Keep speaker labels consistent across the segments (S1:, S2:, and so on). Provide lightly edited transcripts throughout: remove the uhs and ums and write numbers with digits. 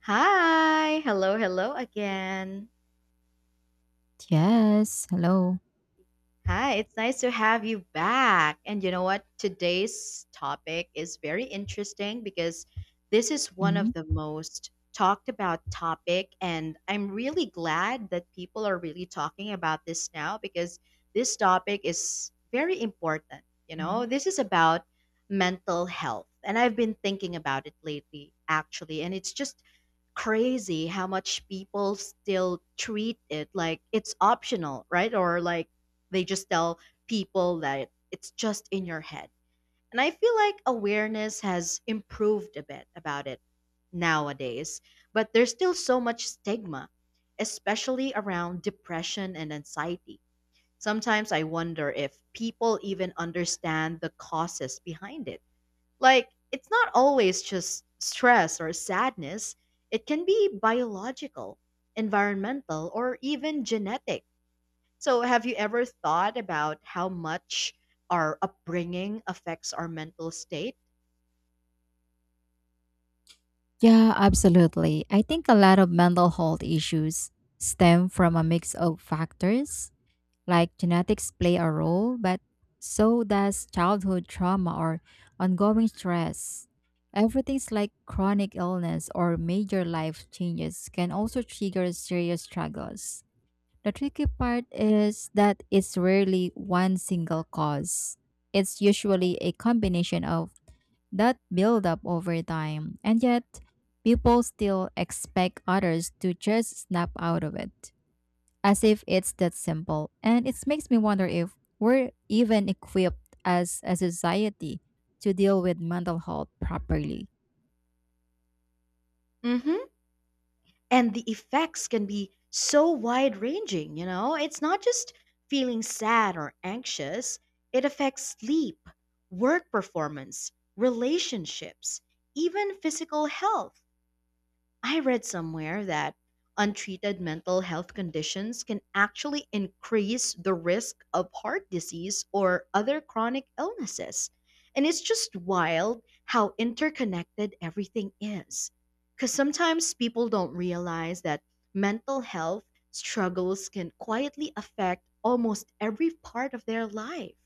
S1: Hi, hello, hello again.
S2: Yes. Hello.
S1: Hi, it's nice to have you back. And you know what? Today's topic is very interesting because this is one of
S2: Mhm,
S1: the most talked about topic and I'm really glad that people are really talking about this now because this topic is very important.
S2: mhm.
S1: This is about mental health and I've been thinking about it lately actually and it's just crazy how much people still treat it like it's optional, right? Or like they just tell people that it's just in your head. And I feel like awareness has improved a bit about it nowadays, but there's still so much stigma, especially around depression and anxiety. Sometimes I wonder if people even understand the causes behind it. Like, it's not always just stress or sadness, it can be biological, environmental, or even genetic. So, have you ever thought about how much our upbringing affects our mental state?
S2: Yeah, absolutely. I think a lot of mental health issues stem from a mix of factors, like genetics play a role, but so does childhood trauma or ongoing stress. Everything's like chronic illness or major life changes can also trigger serious struggles. The tricky part is that it's rarely one single cause. It's usually a combination of that build up over time, and yet people still expect others to just snap out of it, as if it's that simple. And it makes me wonder if we're even equipped as a society to deal with mental health properly.
S1: Mm-hmm. And the effects can be so wide ranging, you know? It's not just feeling sad or anxious, it affects sleep, work performance, relationships, even physical health. I read somewhere that untreated mental health conditions can actually increase the risk of heart disease or other chronic illnesses. And it's just wild how interconnected everything is. Because sometimes people don't realize that mental health struggles can quietly affect almost every part of their life.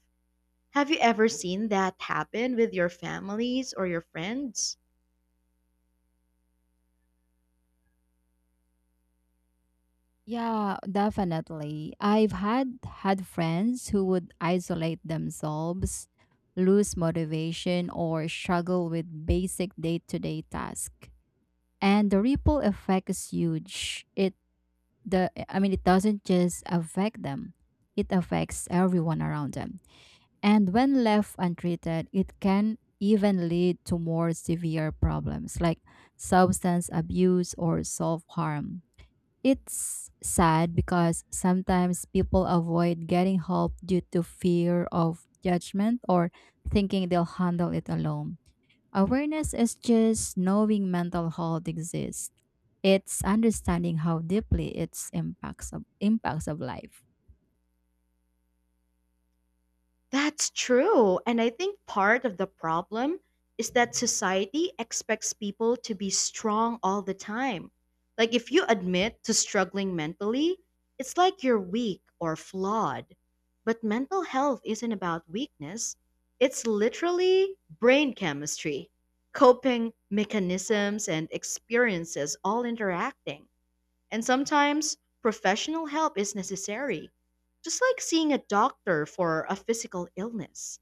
S1: Have you ever seen that happen with your families or your friends?
S2: Yeah, definitely. I've had friends who would isolate themselves, lose motivation, or struggle with basic day-to-day tasks. And the ripple effect is huge. It doesn't just affect them, it affects everyone around them, and when left untreated it can even lead to more severe problems like substance abuse or self-harm. It's sad because sometimes people avoid getting help due to fear of judgment or thinking they'll handle it alone. Awareness is just knowing mental health exists, it's understanding how deeply its impacts of life.
S1: That's true. And I think part of the problem is that society expects people to be strong all the time. Like, if you admit to struggling mentally, it's like you're weak or flawed. But mental health isn't about weakness, it's literally brain chemistry, coping mechanisms, and experiences all interacting. And sometimes professional help is necessary, just like seeing a doctor for a physical illness.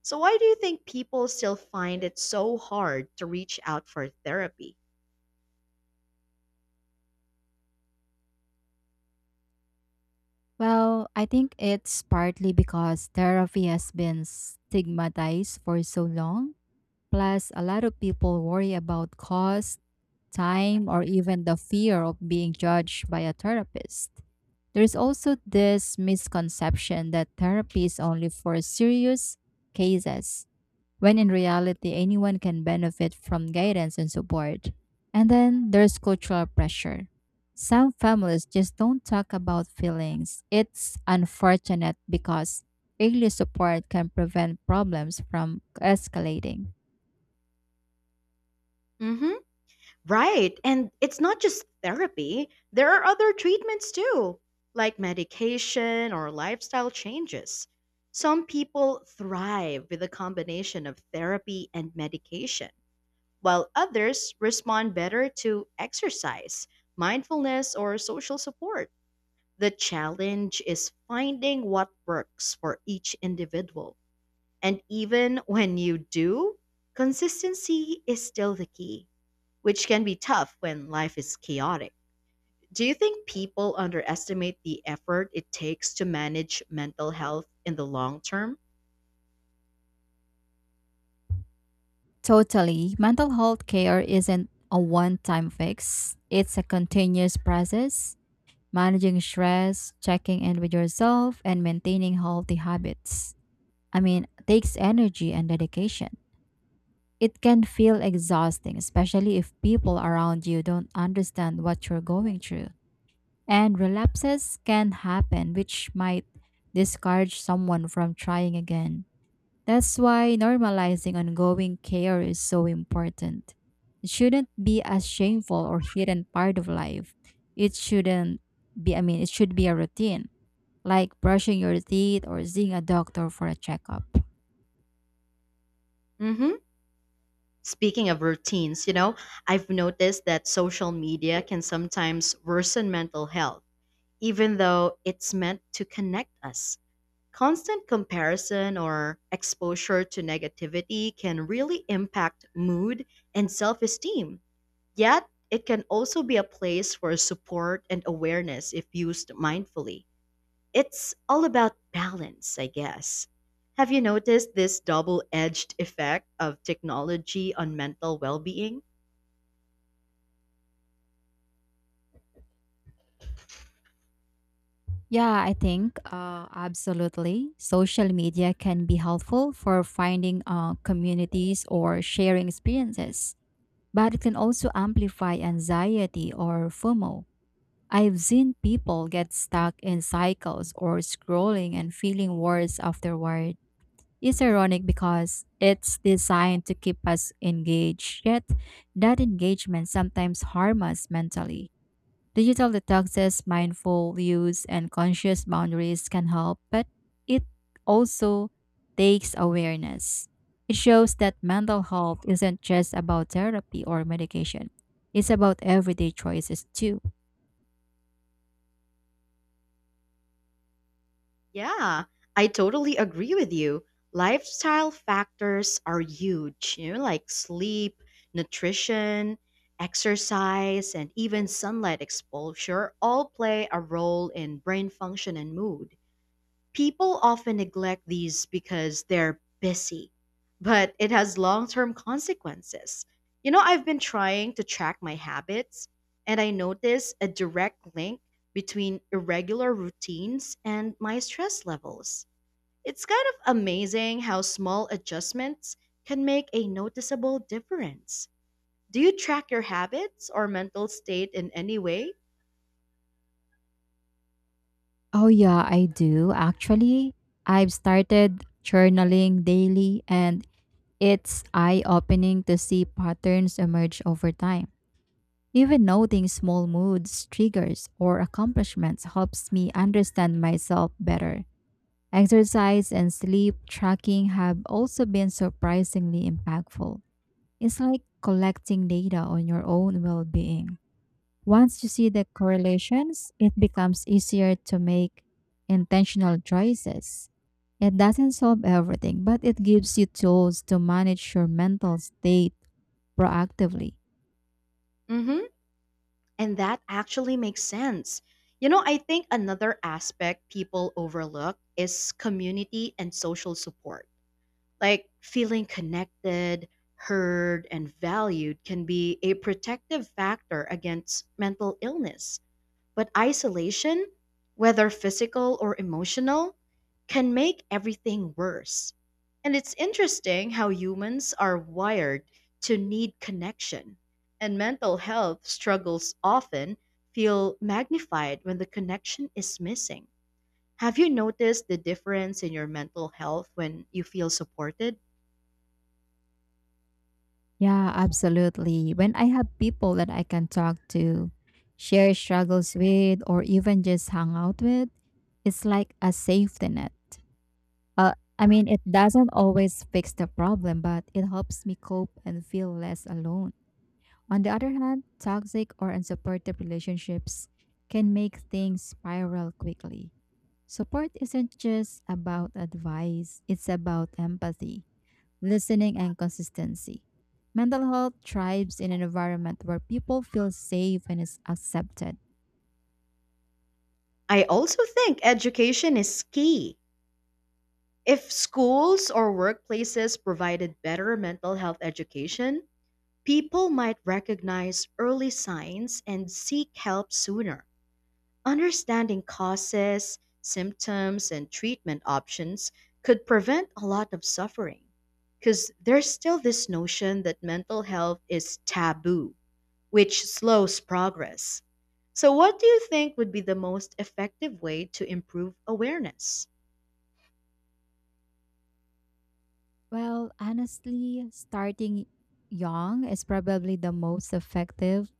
S1: So, why do you think people still find it so hard to reach out for therapy?
S2: Well, I think it's partly because therapy has been stigmatized for so long. Plus, a lot of people worry about cost, time, or even the fear of being judged by a therapist. There's also this misconception that therapy is only for serious cases when in reality, anyone can benefit from guidance and support. And then there's cultural pressure. Some families just don't talk about feelings. It's unfortunate because early support can prevent problems from escalating.
S1: Hmm. Right. And it's not just therapy, there are other treatments too, like medication or lifestyle changes. Some people thrive with a combination of therapy and medication while others respond better to exercise, mindfulness, or social support. The challenge is finding what works for each individual. And even when you do, consistency is still the key, which can be tough when life is chaotic. Do you think people underestimate the effort it takes to manage mental health in the long term?
S2: Totally, mental health care isn't a one time fix, it's a continuous process. Managing stress, checking in with yourself, and maintaining healthy habits. I mean, takes energy and dedication. It can feel exhausting, especially if people around you don't understand what you're going through. And relapses can happen, which might discourage someone from trying again. That's why normalizing ongoing care is so important. It shouldn't be a shameful or hidden part of life. It shouldn't be, I mean, it should be a routine, like brushing your teeth or seeing a doctor for a checkup.
S1: Mm hmm. Speaking of routines, I've noticed that social media can sometimes worsen mental health, even though it's meant to connect us. Constant comparison or exposure to negativity can really impact mood and self esteem. Yet, it can also be a place for support and awareness if used mindfully. It's all about balance, I guess. Have you noticed this double edged effect of technology on mental well being?
S2: Yeah, I think absolutely. Social media can be helpful for finding communities or sharing experiences, but it can also amplify anxiety or FOMO. I've seen people get stuck in cycles or scrolling and feeling worse afterward. It's ironic because it's designed to keep us engaged, yet that engagement sometimes harms us mentally. Digital detoxes, mindful use, and conscious boundaries can help, but it also takes awareness. It shows that mental health isn't just about therapy or medication, it's about everyday choices too.
S1: Yeah, I totally agree with you. Lifestyle factors are huge, like sleep, nutrition, exercise, and even sunlight exposure all play a role in brain function and mood. People often neglect these because they're busy, but it has long term consequences. I've been trying to track my habits, and I notice a direct link between irregular routines and my stress levels. It's kind of amazing how small adjustments can make a noticeable difference. Do you track your habits or mental state in any way?
S2: Oh, yeah, I do. Actually, I've started journaling daily, and it's eye opening to see patterns emerge over time. Even noting small moods, triggers, or accomplishments helps me understand myself better. Exercise and sleep tracking have also been surprisingly impactful. It's like collecting data on your own well being. Once you see the correlations, it becomes easier to make intentional choices. It doesn't solve everything, but it gives you tools to manage your mental state proactively.
S1: Mm hmm. And that actually makes sense. I think another aspect people overlook is community and social support. Like feeling connected, heard, and valued can be a protective factor against mental illness. But isolation, whether physical or emotional, can make everything worse. And it's interesting how humans are wired to need connection, and mental health struggles often feel magnified when the connection is missing. Have you noticed the difference in your mental health when you feel supported?
S2: Yeah, absolutely. When I have people that I can talk to, share struggles with, or even just hang out with, it's like a safety net. Uh, it doesn't always fix the problem, but it helps me cope and feel less alone. On the other hand, toxic or unsupportive relationships can make things spiral quickly. Support isn't just about advice, it's about empathy listening, and consistency. Mental health thrives in an environment where people feel safe and is accepted.
S1: I also think education is key. If schools or workplaces provided better mental health education, people might recognize early signs and seek help sooner. Understanding causes, symptoms, and treatment options could prevent a lot of suffering. Because there's still this notion that mental health is taboo, which slows progress. So, what do you think would be the most effective way to improve awareness?
S2: Well, honestly, starting young is probably the most effective.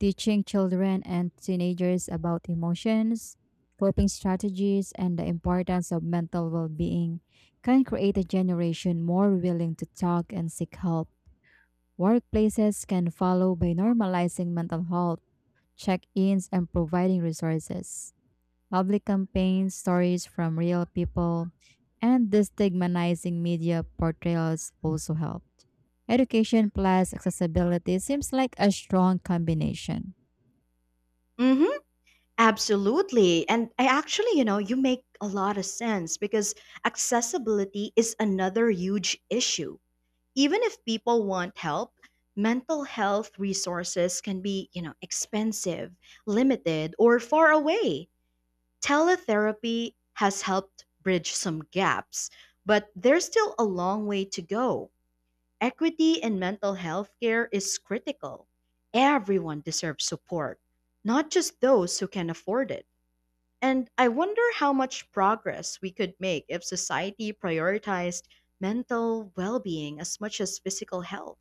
S2: Teaching children and teenagers about emotions, coping strategies, and the importance of mental well being can create a generation more willing to talk and seek help. Workplaces can follow by normalizing mental health, check ins, and providing resources. Public campaigns, stories from real people, and destigmatizing media portrayals also helped. Education plus accessibility seems like a strong combination.
S1: Mm hmm. Absolutely. And I actually, you know, you make a lot of sense because accessibility is another huge issue. Even if people want help, mental health resources can be, expensive, limited, or far away. Teletherapy has helped bridge some gaps, but there's still a long way to go. Equity in mental health care is critical. Everyone deserves support, not just those who can afford it. And I wonder how much progress we could make if society prioritized mental well being as much as physical health.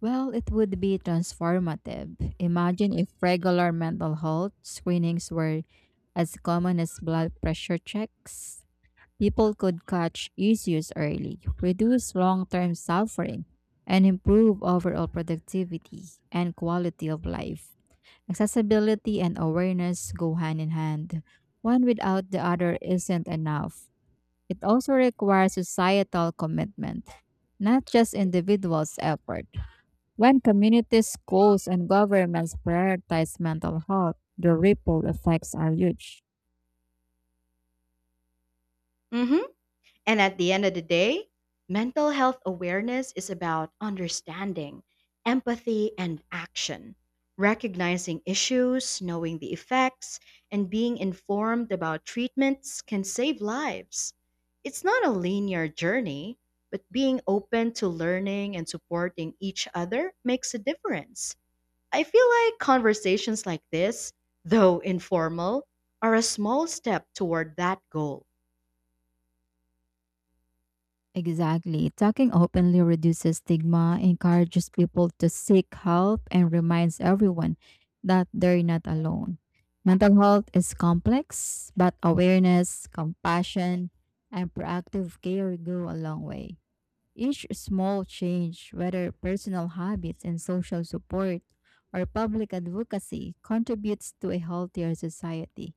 S2: Well, it would be transformative. Imagine if regular mental health screenings were as common as blood pressure checks. People could catch issues early, reduce long term suffering, and improve overall productivity and quality of life. Accessibility and awareness go hand in hand. One without the other isn't enough. It also requires societal commitment, not just individuals' effort. When communities, schools, and governments prioritize mental health, the ripple effects are huge.
S1: Mhm. And at the end of the day, mental health awareness is about understanding, empathy, and action, recognizing issues, knowing the effects, and being informed about treatments can save lives. It's not a linear journey, but being open to learning and supporting each other makes a difference. I feel like conversations like this, though informal, are a small step toward that goal.
S2: Exactly. Talking openly reduces stigma, encourages people to seek help, and reminds everyone that they're not alone. Mental health is complex, but awareness, compassion, and proactive care go a long way. Each small change, whether personal habits and social support or public advocacy, contributes to a healthier society.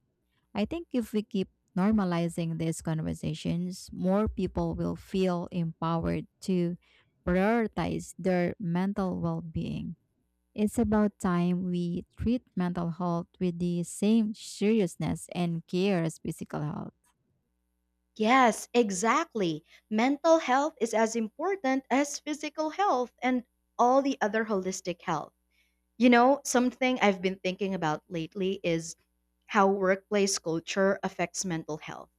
S2: I think if we keep normalizing these conversations, more people will feel empowered to prioritize their mental well being. It's about time we treat mental health with the same seriousness and care as physical health.
S1: Yes, exactly. Mental health is as important as physical health and all the other holistic health. Something I've been thinking about lately is how workplace culture affects mental health.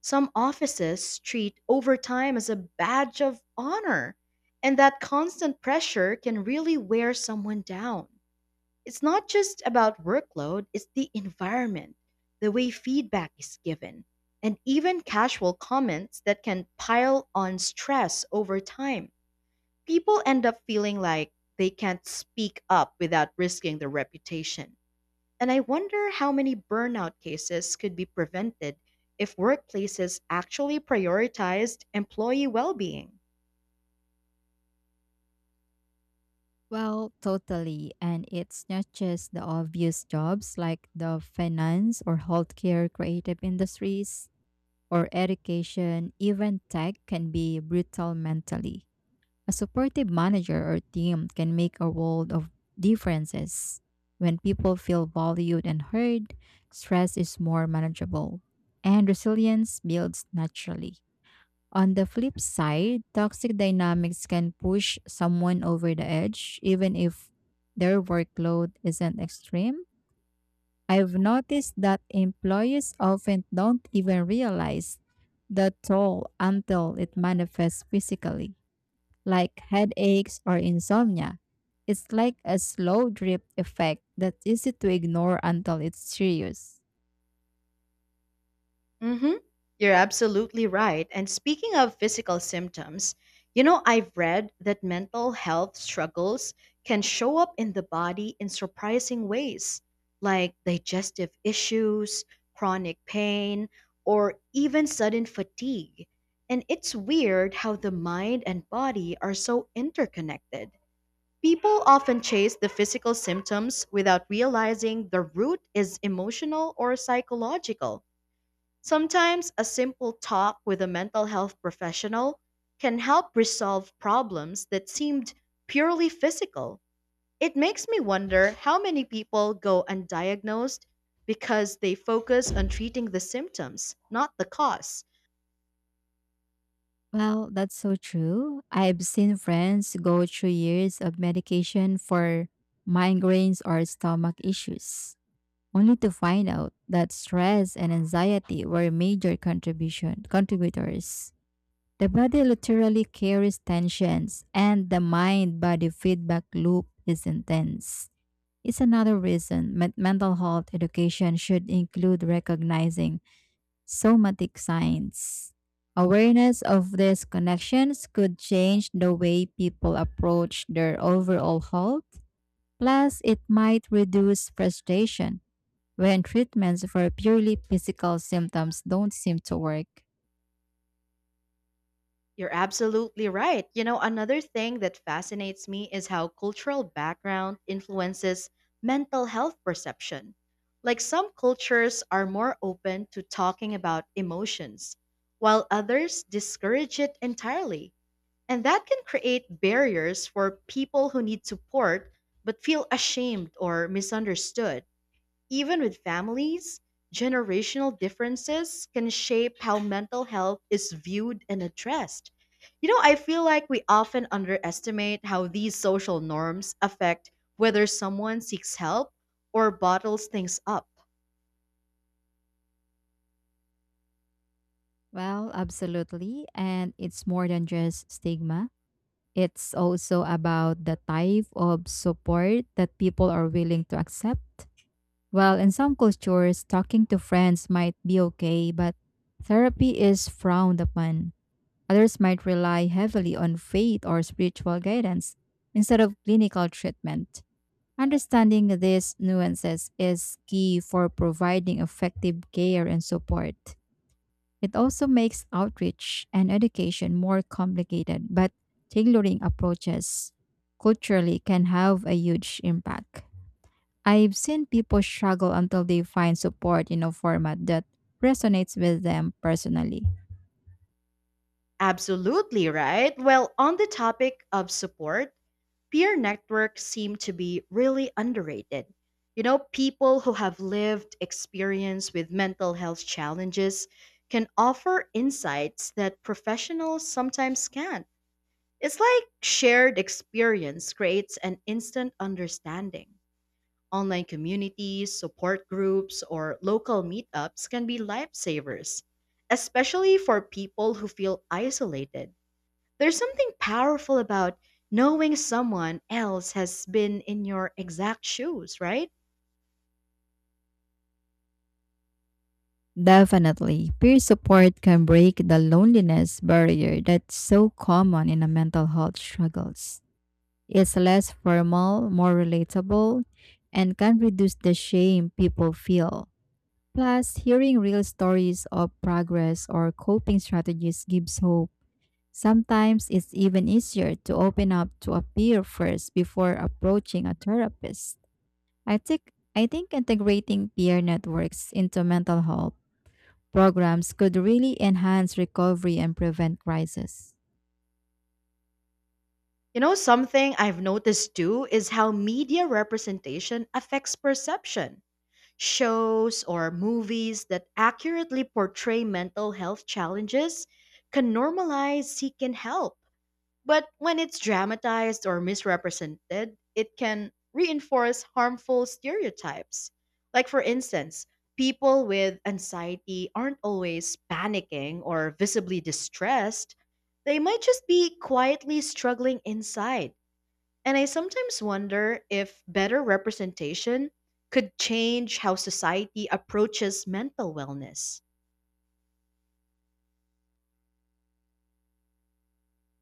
S1: Some offices treat overtime as a badge of honor, and that constant pressure can really wear someone down. It's not just about workload, it's the environment, the way feedback is given, and even casual comments that can pile on stress over time. People end up feeling like they can't speak up without risking their reputation. And I wonder how many burnout cases could be prevented if workplaces actually prioritized employee well being.
S2: Well, totally. And it's not just the obvious jobs like the finance or healthcare creative industries or education, even tech can be brutal mentally. A supportive manager or team can make a world of differences. When people feel valued and heard, stress is more manageable, and resilience builds naturally. On the flip side, toxic dynamics can push someone over the edge, even if their workload isn't extreme. I've noticed that employees often don't even realize the toll until it manifests physically like headaches or insomnia. It's like a slow drip effect that's easy to ignore until it's serious.
S1: Mm-hmm. You're absolutely right. And speaking of physical symptoms, I've read that mental health struggles can show up in the body in surprising ways, like digestive issues, chronic pain, or even sudden fatigue. And it's weird how the mind and body are so interconnected. People often chase the physical symptoms without realizing the root is emotional or psychological. Sometimes a simple talk with a mental health professional can help resolve problems that seemed purely physical. It makes me wonder how many people go undiagnosed because they focus on treating the symptoms, not the cause.
S2: Well, that's so true. I've seen friends go through years of medication for migraines or stomach issues, only to find out that stress and anxiety were major contribution contributors. The body literally carries tensions, and the mind body feedback loop is intense. It's another reason mental health education should include recognizing somatic signs. Awareness of these connections could change the way people approach their overall health. Plus, it might reduce frustration when treatments for purely physical symptoms don't seem to work.
S1: You're absolutely right. Another thing that fascinates me is how cultural background influences mental health perception. Like some cultures are more open to talking about emotions, while others discourage it entirely. And that can create barriers for people who need support but feel ashamed or misunderstood. Even with families, generational differences can shape how mental health is viewed and addressed. I feel like we often underestimate how these social norms affect whether someone seeks help or bottles things up.
S2: Well, absolutely. And it's more than just stigma. It's also about the type of support that people are willing to accept. Well, in some cultures, talking to friends might be okay, but therapy is frowned upon. Others might rely heavily on faith or spiritual guidance instead of clinical treatment. Understanding these nuances is key for providing effective care and support. It also makes outreach and education more complicated, but tailoring approaches culturally can have a huge impact. I've seen people struggle until they find support in a format that resonates with them personally.
S1: Absolutely right. Well, on the topic of support, peer networks seem to be really underrated. People who have lived experience with mental health challenges can offer insights that professionals sometimes can't. It's like shared experience creates an instant understanding. Online communities, support groups, or local meetups can be lifesavers, especially for people who feel isolated. There's something powerful about knowing someone else has been in your exact shoes, right?
S2: Definitely, peer support can break the loneliness barrier that's so common in a mental health struggles. It's less formal, more relatable, and can reduce the shame people feel. Plus, hearing real stories of progress or coping strategies gives hope. Sometimes it's even easier to open up to a peer first before approaching a therapist. I think integrating peer networks into mental health programs could really enhance recovery and prevent crisis.
S1: Something I've noticed too is how media representation affects perception. Shows or movies that accurately portray mental health challenges can normalize seeking help. But when it's dramatized or misrepresented, it can reinforce harmful stereotypes. Like, for instance, people with anxiety aren't always panicking or visibly distressed. They might just be quietly struggling inside. And I sometimes wonder if better representation could change how society approaches mental wellness.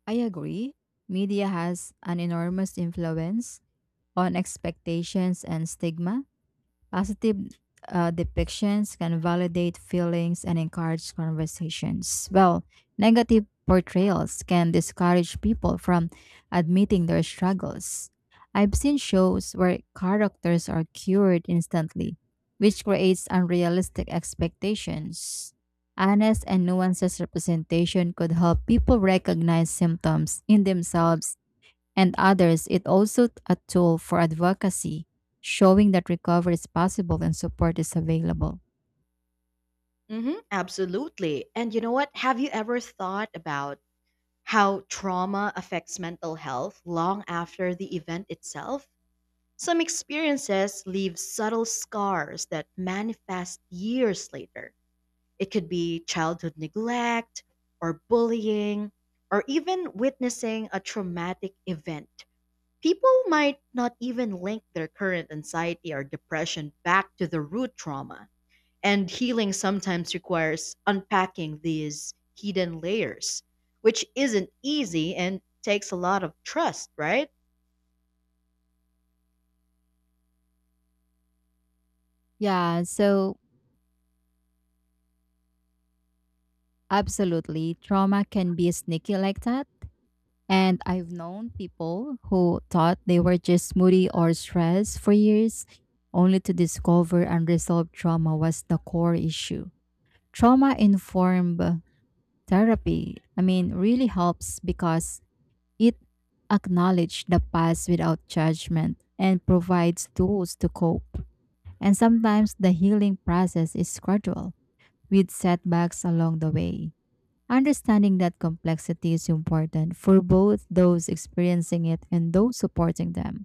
S2: I agree. Media has an enormous influence on expectations and stigma. Positive depictions can validate feelings and encourage conversations, while negative portrayals can discourage people from admitting their struggles. I've seen shows where characters are cured instantly, which creates unrealistic expectations. Honest and nuanced representation could help people recognize symptoms in themselves and others, it also a tool for advocacy, showing that recovery is possible and support is available.
S1: Hmm, absolutely. And you know what? Have you ever thought about how trauma affects mental health long after the event itself? Some experiences leave subtle scars that manifest years later. It could be childhood neglect or bullying or even witnessing a traumatic event. People might not even link their current anxiety or depression back to the root trauma. And healing sometimes requires unpacking these hidden layers, which isn't easy and takes a lot of trust, right?
S2: Yeah, so absolutely, trauma can be sneaky like that. And I've known people who thought they were just moody or stressed for years, only to discover unresolved trauma was the core issue. Trauma informed therapy, I mean, really helps because It acknowledges the past without judgment and provides tools to cope. And sometimes the healing process is gradual, with setbacks along the way. Understanding that complexity is important for both those experiencing it and those supporting them.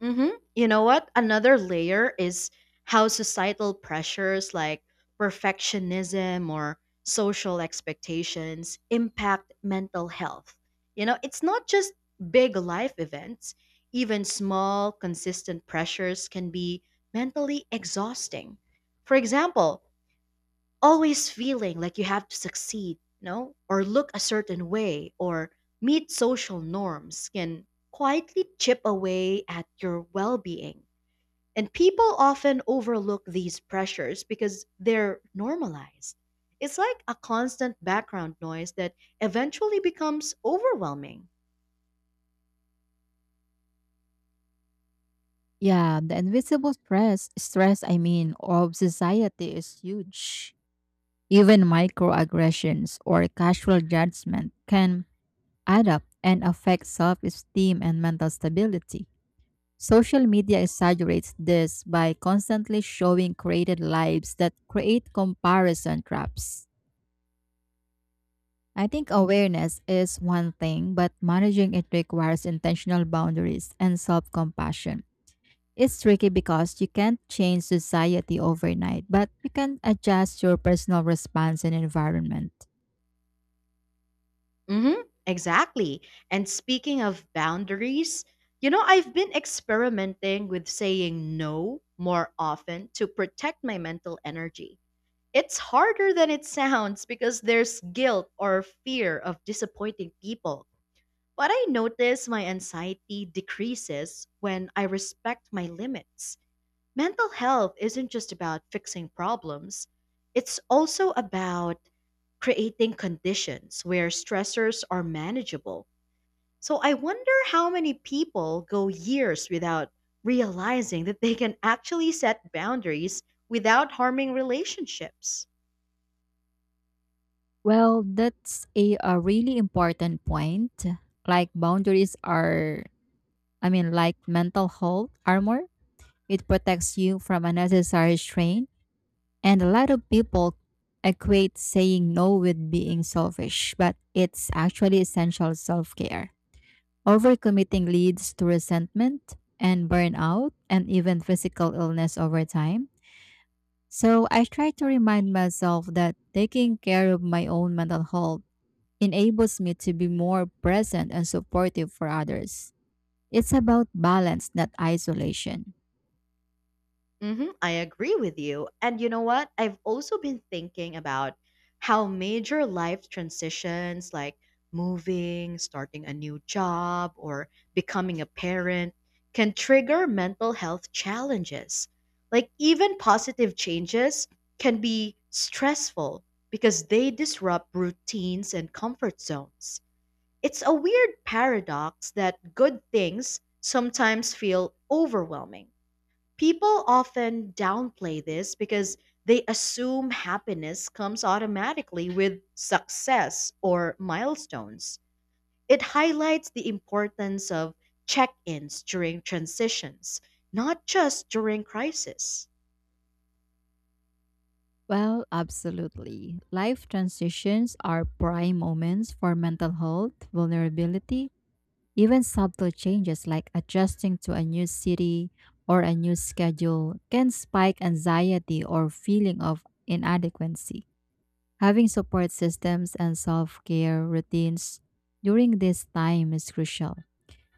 S1: Mm-hmm. You know what? Another layer is how societal pressures like perfectionism or social expectations impact mental health. It's not just big life events, even small, consistent pressures can be mentally exhausting. For example, always feeling like you have to succeed, or look a certain way or meet social norms can quietly chip away at your well being. And people often overlook these pressures because they're normalized. It's like a constant background noise that eventually becomes overwhelming.
S2: Yeah, the invisible stress of society is huge. Even microaggressions or casual judgment can add up and affect self esteem and mental stability. Social media exaggerates this by constantly showing created lives that create comparison traps. I think awareness is one thing, but managing it requires intentional boundaries and self compassion. It's tricky because you can't change society overnight, but you can adjust your personal response and environment.
S1: Mm-hmm, exactly. And speaking of boundaries, I've been experimenting with saying no more often to protect my mental energy. It's harder than it sounds because there's guilt or fear of disappointing people. But I notice my anxiety decreases when I respect my limits. Mental health isn't just about fixing problems, it's also about creating conditions where stressors are manageable. So I wonder how many people go years without realizing that they can actually set boundaries without harming relationships.
S2: Well, that's a really important point. Like boundaries are, I mean, like mental health armor. It protects you from unnecessary strain. And a lot of people equate saying no with being selfish, but it's actually essential self care. Overcommitting leads to resentment and burnout and even physical illness over time. So I try to remind myself that taking care of my own mental health enables me to be more present and supportive for others. It's about balance, not isolation.
S1: I agree with you. And you know what? I've also been thinking about how major life transitions like moving, starting a new job, or becoming a parent can trigger mental health challenges. Like, even positive changes can be stressful because they disrupt routines and comfort zones. It's a weird paradox that good things sometimes feel overwhelming. People often downplay this because they assume happiness comes automatically with success or milestones. It highlights the importance of check ins during transitions, not just during crisis.
S2: Well, absolutely. Life transitions are prime moments for mental health, vulnerability, even subtle changes like adjusting to a new city or a new schedule can spike anxiety or feeling of inadequacy. Having support systems and self-care routines during this time is crucial.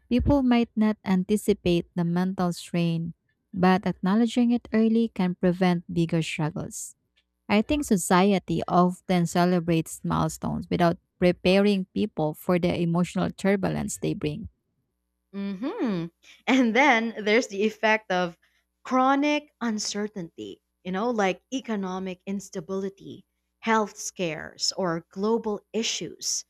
S2: People might not anticipate the mental strain, but acknowledging it early can prevent bigger struggles. I think society often celebrates milestones without preparing people for the emotional turbulence they bring.
S1: hmm And then there's the effect of chronic uncertainty, you know, like economic instability, health scares, or global issues.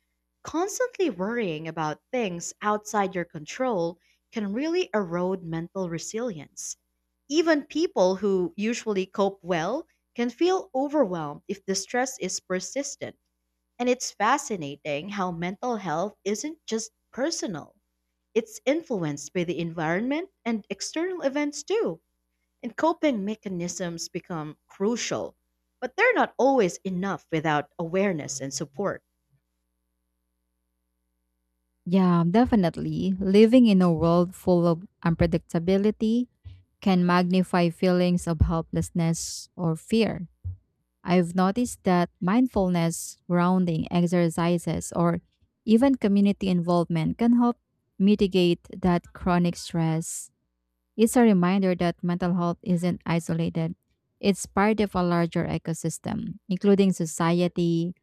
S1: Constantly worrying about things outside your control can really erode mental resilience. Even people who usually cope well can feel overwhelmed if the stress is persistent. And it's fascinating how mental health isn't just personal. It's influenced by the environment and external events too, and coping mechanisms become crucial. But they're not always enough without awareness and support.
S2: Yeah, definitely. Living in a world full of unpredictability can magnify feelings of helplessness or fear. I've noticed that mindfulness, grounding exercises, or even community involvement can help mitigate that chronic stress. It's a reminder that mental health isn't isolated. It's part of a larger ecosystem, including society,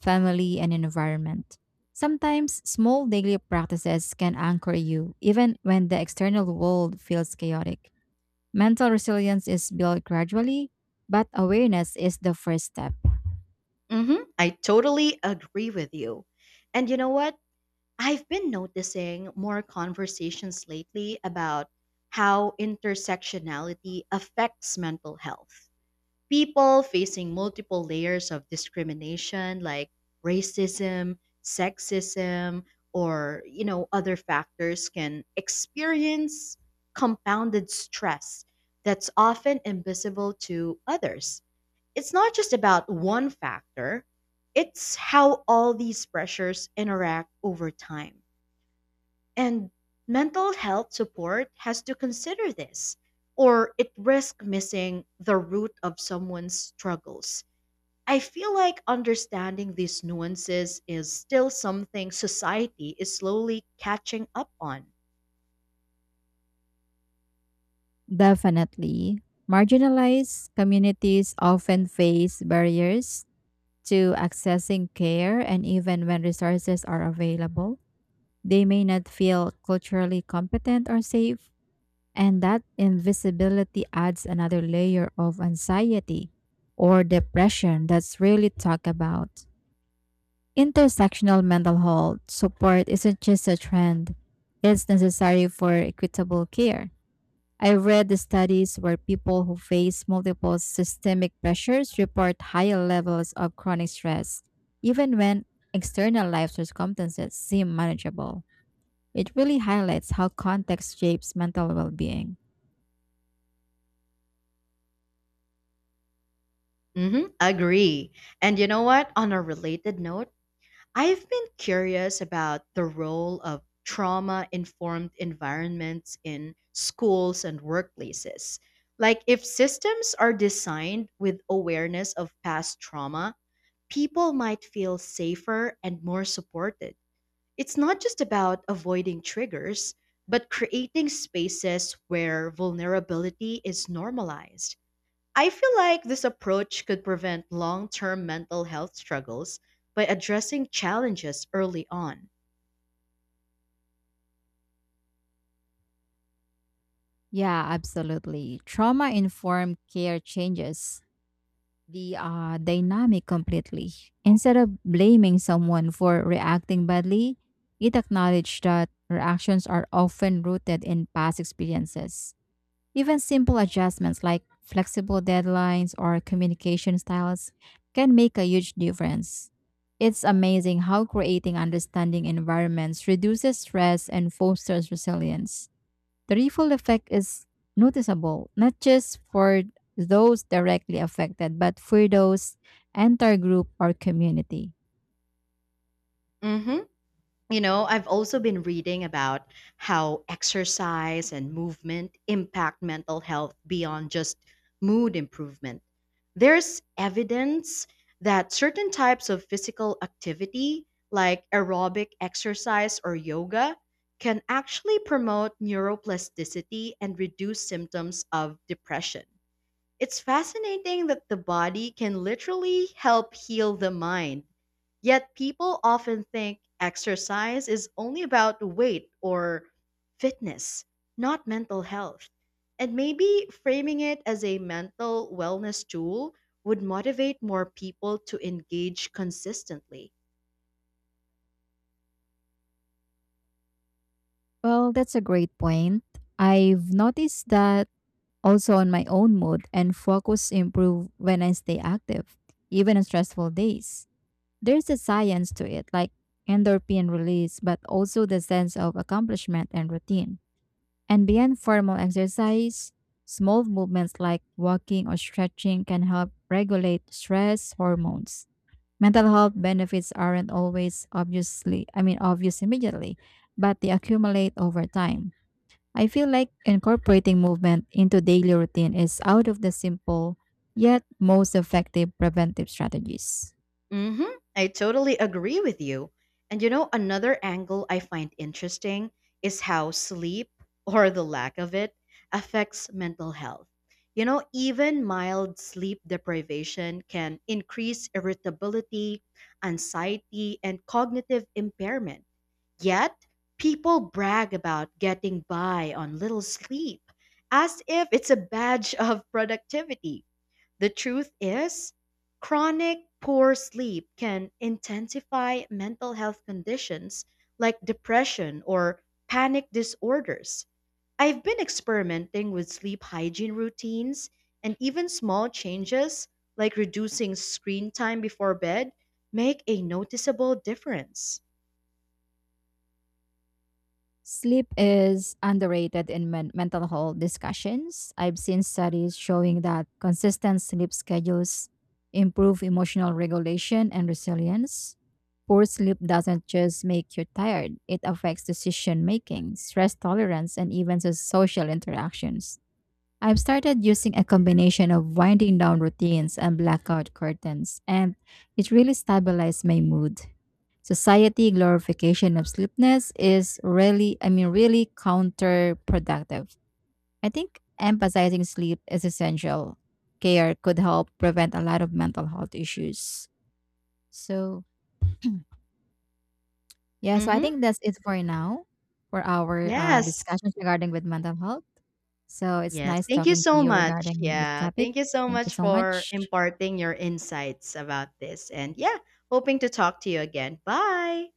S2: family, and environment. Sometimes small daily practices can anchor you, even when the external world feels chaotic. Mental resilience is built gradually, but awareness is the first step.
S1: Mm-hmm. I totally agree with you. And you know what? I've been noticing more conversations lately about how intersectionality affects mental health. People facing multiple layers of discrimination like racism, sexism, or you know other factors can experience compounded stress that's often invisible to others. It's not just about one factor, it's how all these pressures interact over time. And mental health support has to consider this, or it risks missing the root of someone's struggles. I feel like understanding these nuances is still something society is slowly catching up on.
S2: Definitely. Marginalized communities often face barriers to accessing care and even when resources are available. They may not feel culturally competent or safe, and that invisibility adds another layer of anxiety or depression that's rarely talked about. Intersectional mental health support isn't just a trend, it's necessary for equitable care. I read the studies where people who face multiple systemic pressures report higher levels of chronic stress, even when external life circumstances seem manageable. It really highlights how context shapes mental well being.
S1: Agree. And you know what? On a related note, I've been curious about the role of trauma informed environments in schools and workplaces. Like, if systems are designed with awareness of past trauma, people might feel safer and more supported. It's not just about avoiding triggers, but creating spaces where vulnerability is normalized. I feel like this approach could prevent long term mental health struggles by addressing challenges early on.
S2: Yeah, absolutely. Trauma informed care changes the dynamic completely. Instead of blaming someone for reacting badly, it acknowledged that reactions are often rooted in past experiences. Even simple adjustments like flexible deadlines or communication styles can make a huge difference. It's amazing how creating understanding environments reduces stress and fosters resilience. The ripple effect is noticeable, not just for those directly affected, but for those entire group or community.
S1: hmm You know, I've also been reading about how exercise and movement impact mental health beyond just mood improvement. There's evidence that certain types of physical activity, like aerobic exercise or yoga, can actually promote neuroplasticity and reduce symptoms of depression. It's fascinating that the body can literally help heal the mind. Yet people often think exercise is only about weight or fitness, not mental health. And maybe framing it as a mental wellness tool would motivate more people to engage consistently.
S2: Well, that's a great point. I've noticed that also on my own mood and focus improve when I stay active, even on stressful days. There's a science to it, like endorphin release, but also the sense of accomplishment and routine. And beyond formal exercise, small movements like walking or stretching can help regulate stress hormones. Mental health benefits aren't always obvious immediately, but they accumulate over time. I feel like incorporating movement into daily routine is out of the simple yet most effective preventive strategies.
S1: hmm I totally agree with you. And you know, another angle I find interesting is how sleep, or the lack of it, affects mental health. You know, even mild sleep deprivation can increase irritability, anxiety, and cognitive impairment. Yet, people brag about getting by on little sleep as if it's a badge of productivity. The truth is, chronic poor sleep can intensify mental health conditions like depression or panic disorders. I've been experimenting with sleep hygiene routines, and even small changes like reducing screen time before bed make a noticeable difference.
S2: Sleep is underrated in mental health discussions. I've seen studies showing that consistent sleep schedules improve emotional regulation and resilience. Poor sleep doesn't just make you tired, it affects decision making, stress tolerance, and even social interactions. I've started using a combination of winding down routines and blackout curtains, and it really stabilized my mood. Society glorification of sleepiness is really counterproductive. I think emphasizing sleep as essential care could help prevent a lot of mental health issues. So, yeah, so I
S1: Mhm.
S2: think that's it for now for our
S1: Yes.
S2: discussions regarding with mental health. So it's
S1: Yes,
S2: nice
S1: thank you
S2: talking to
S1: so
S2: you
S1: much.
S2: regarding with this
S1: Yeah,
S2: topic.
S1: thank you so
S2: Thank you
S1: much
S2: so
S1: for
S2: much.
S1: imparting your insights about this. And yeah, hoping to talk to you again. Bye.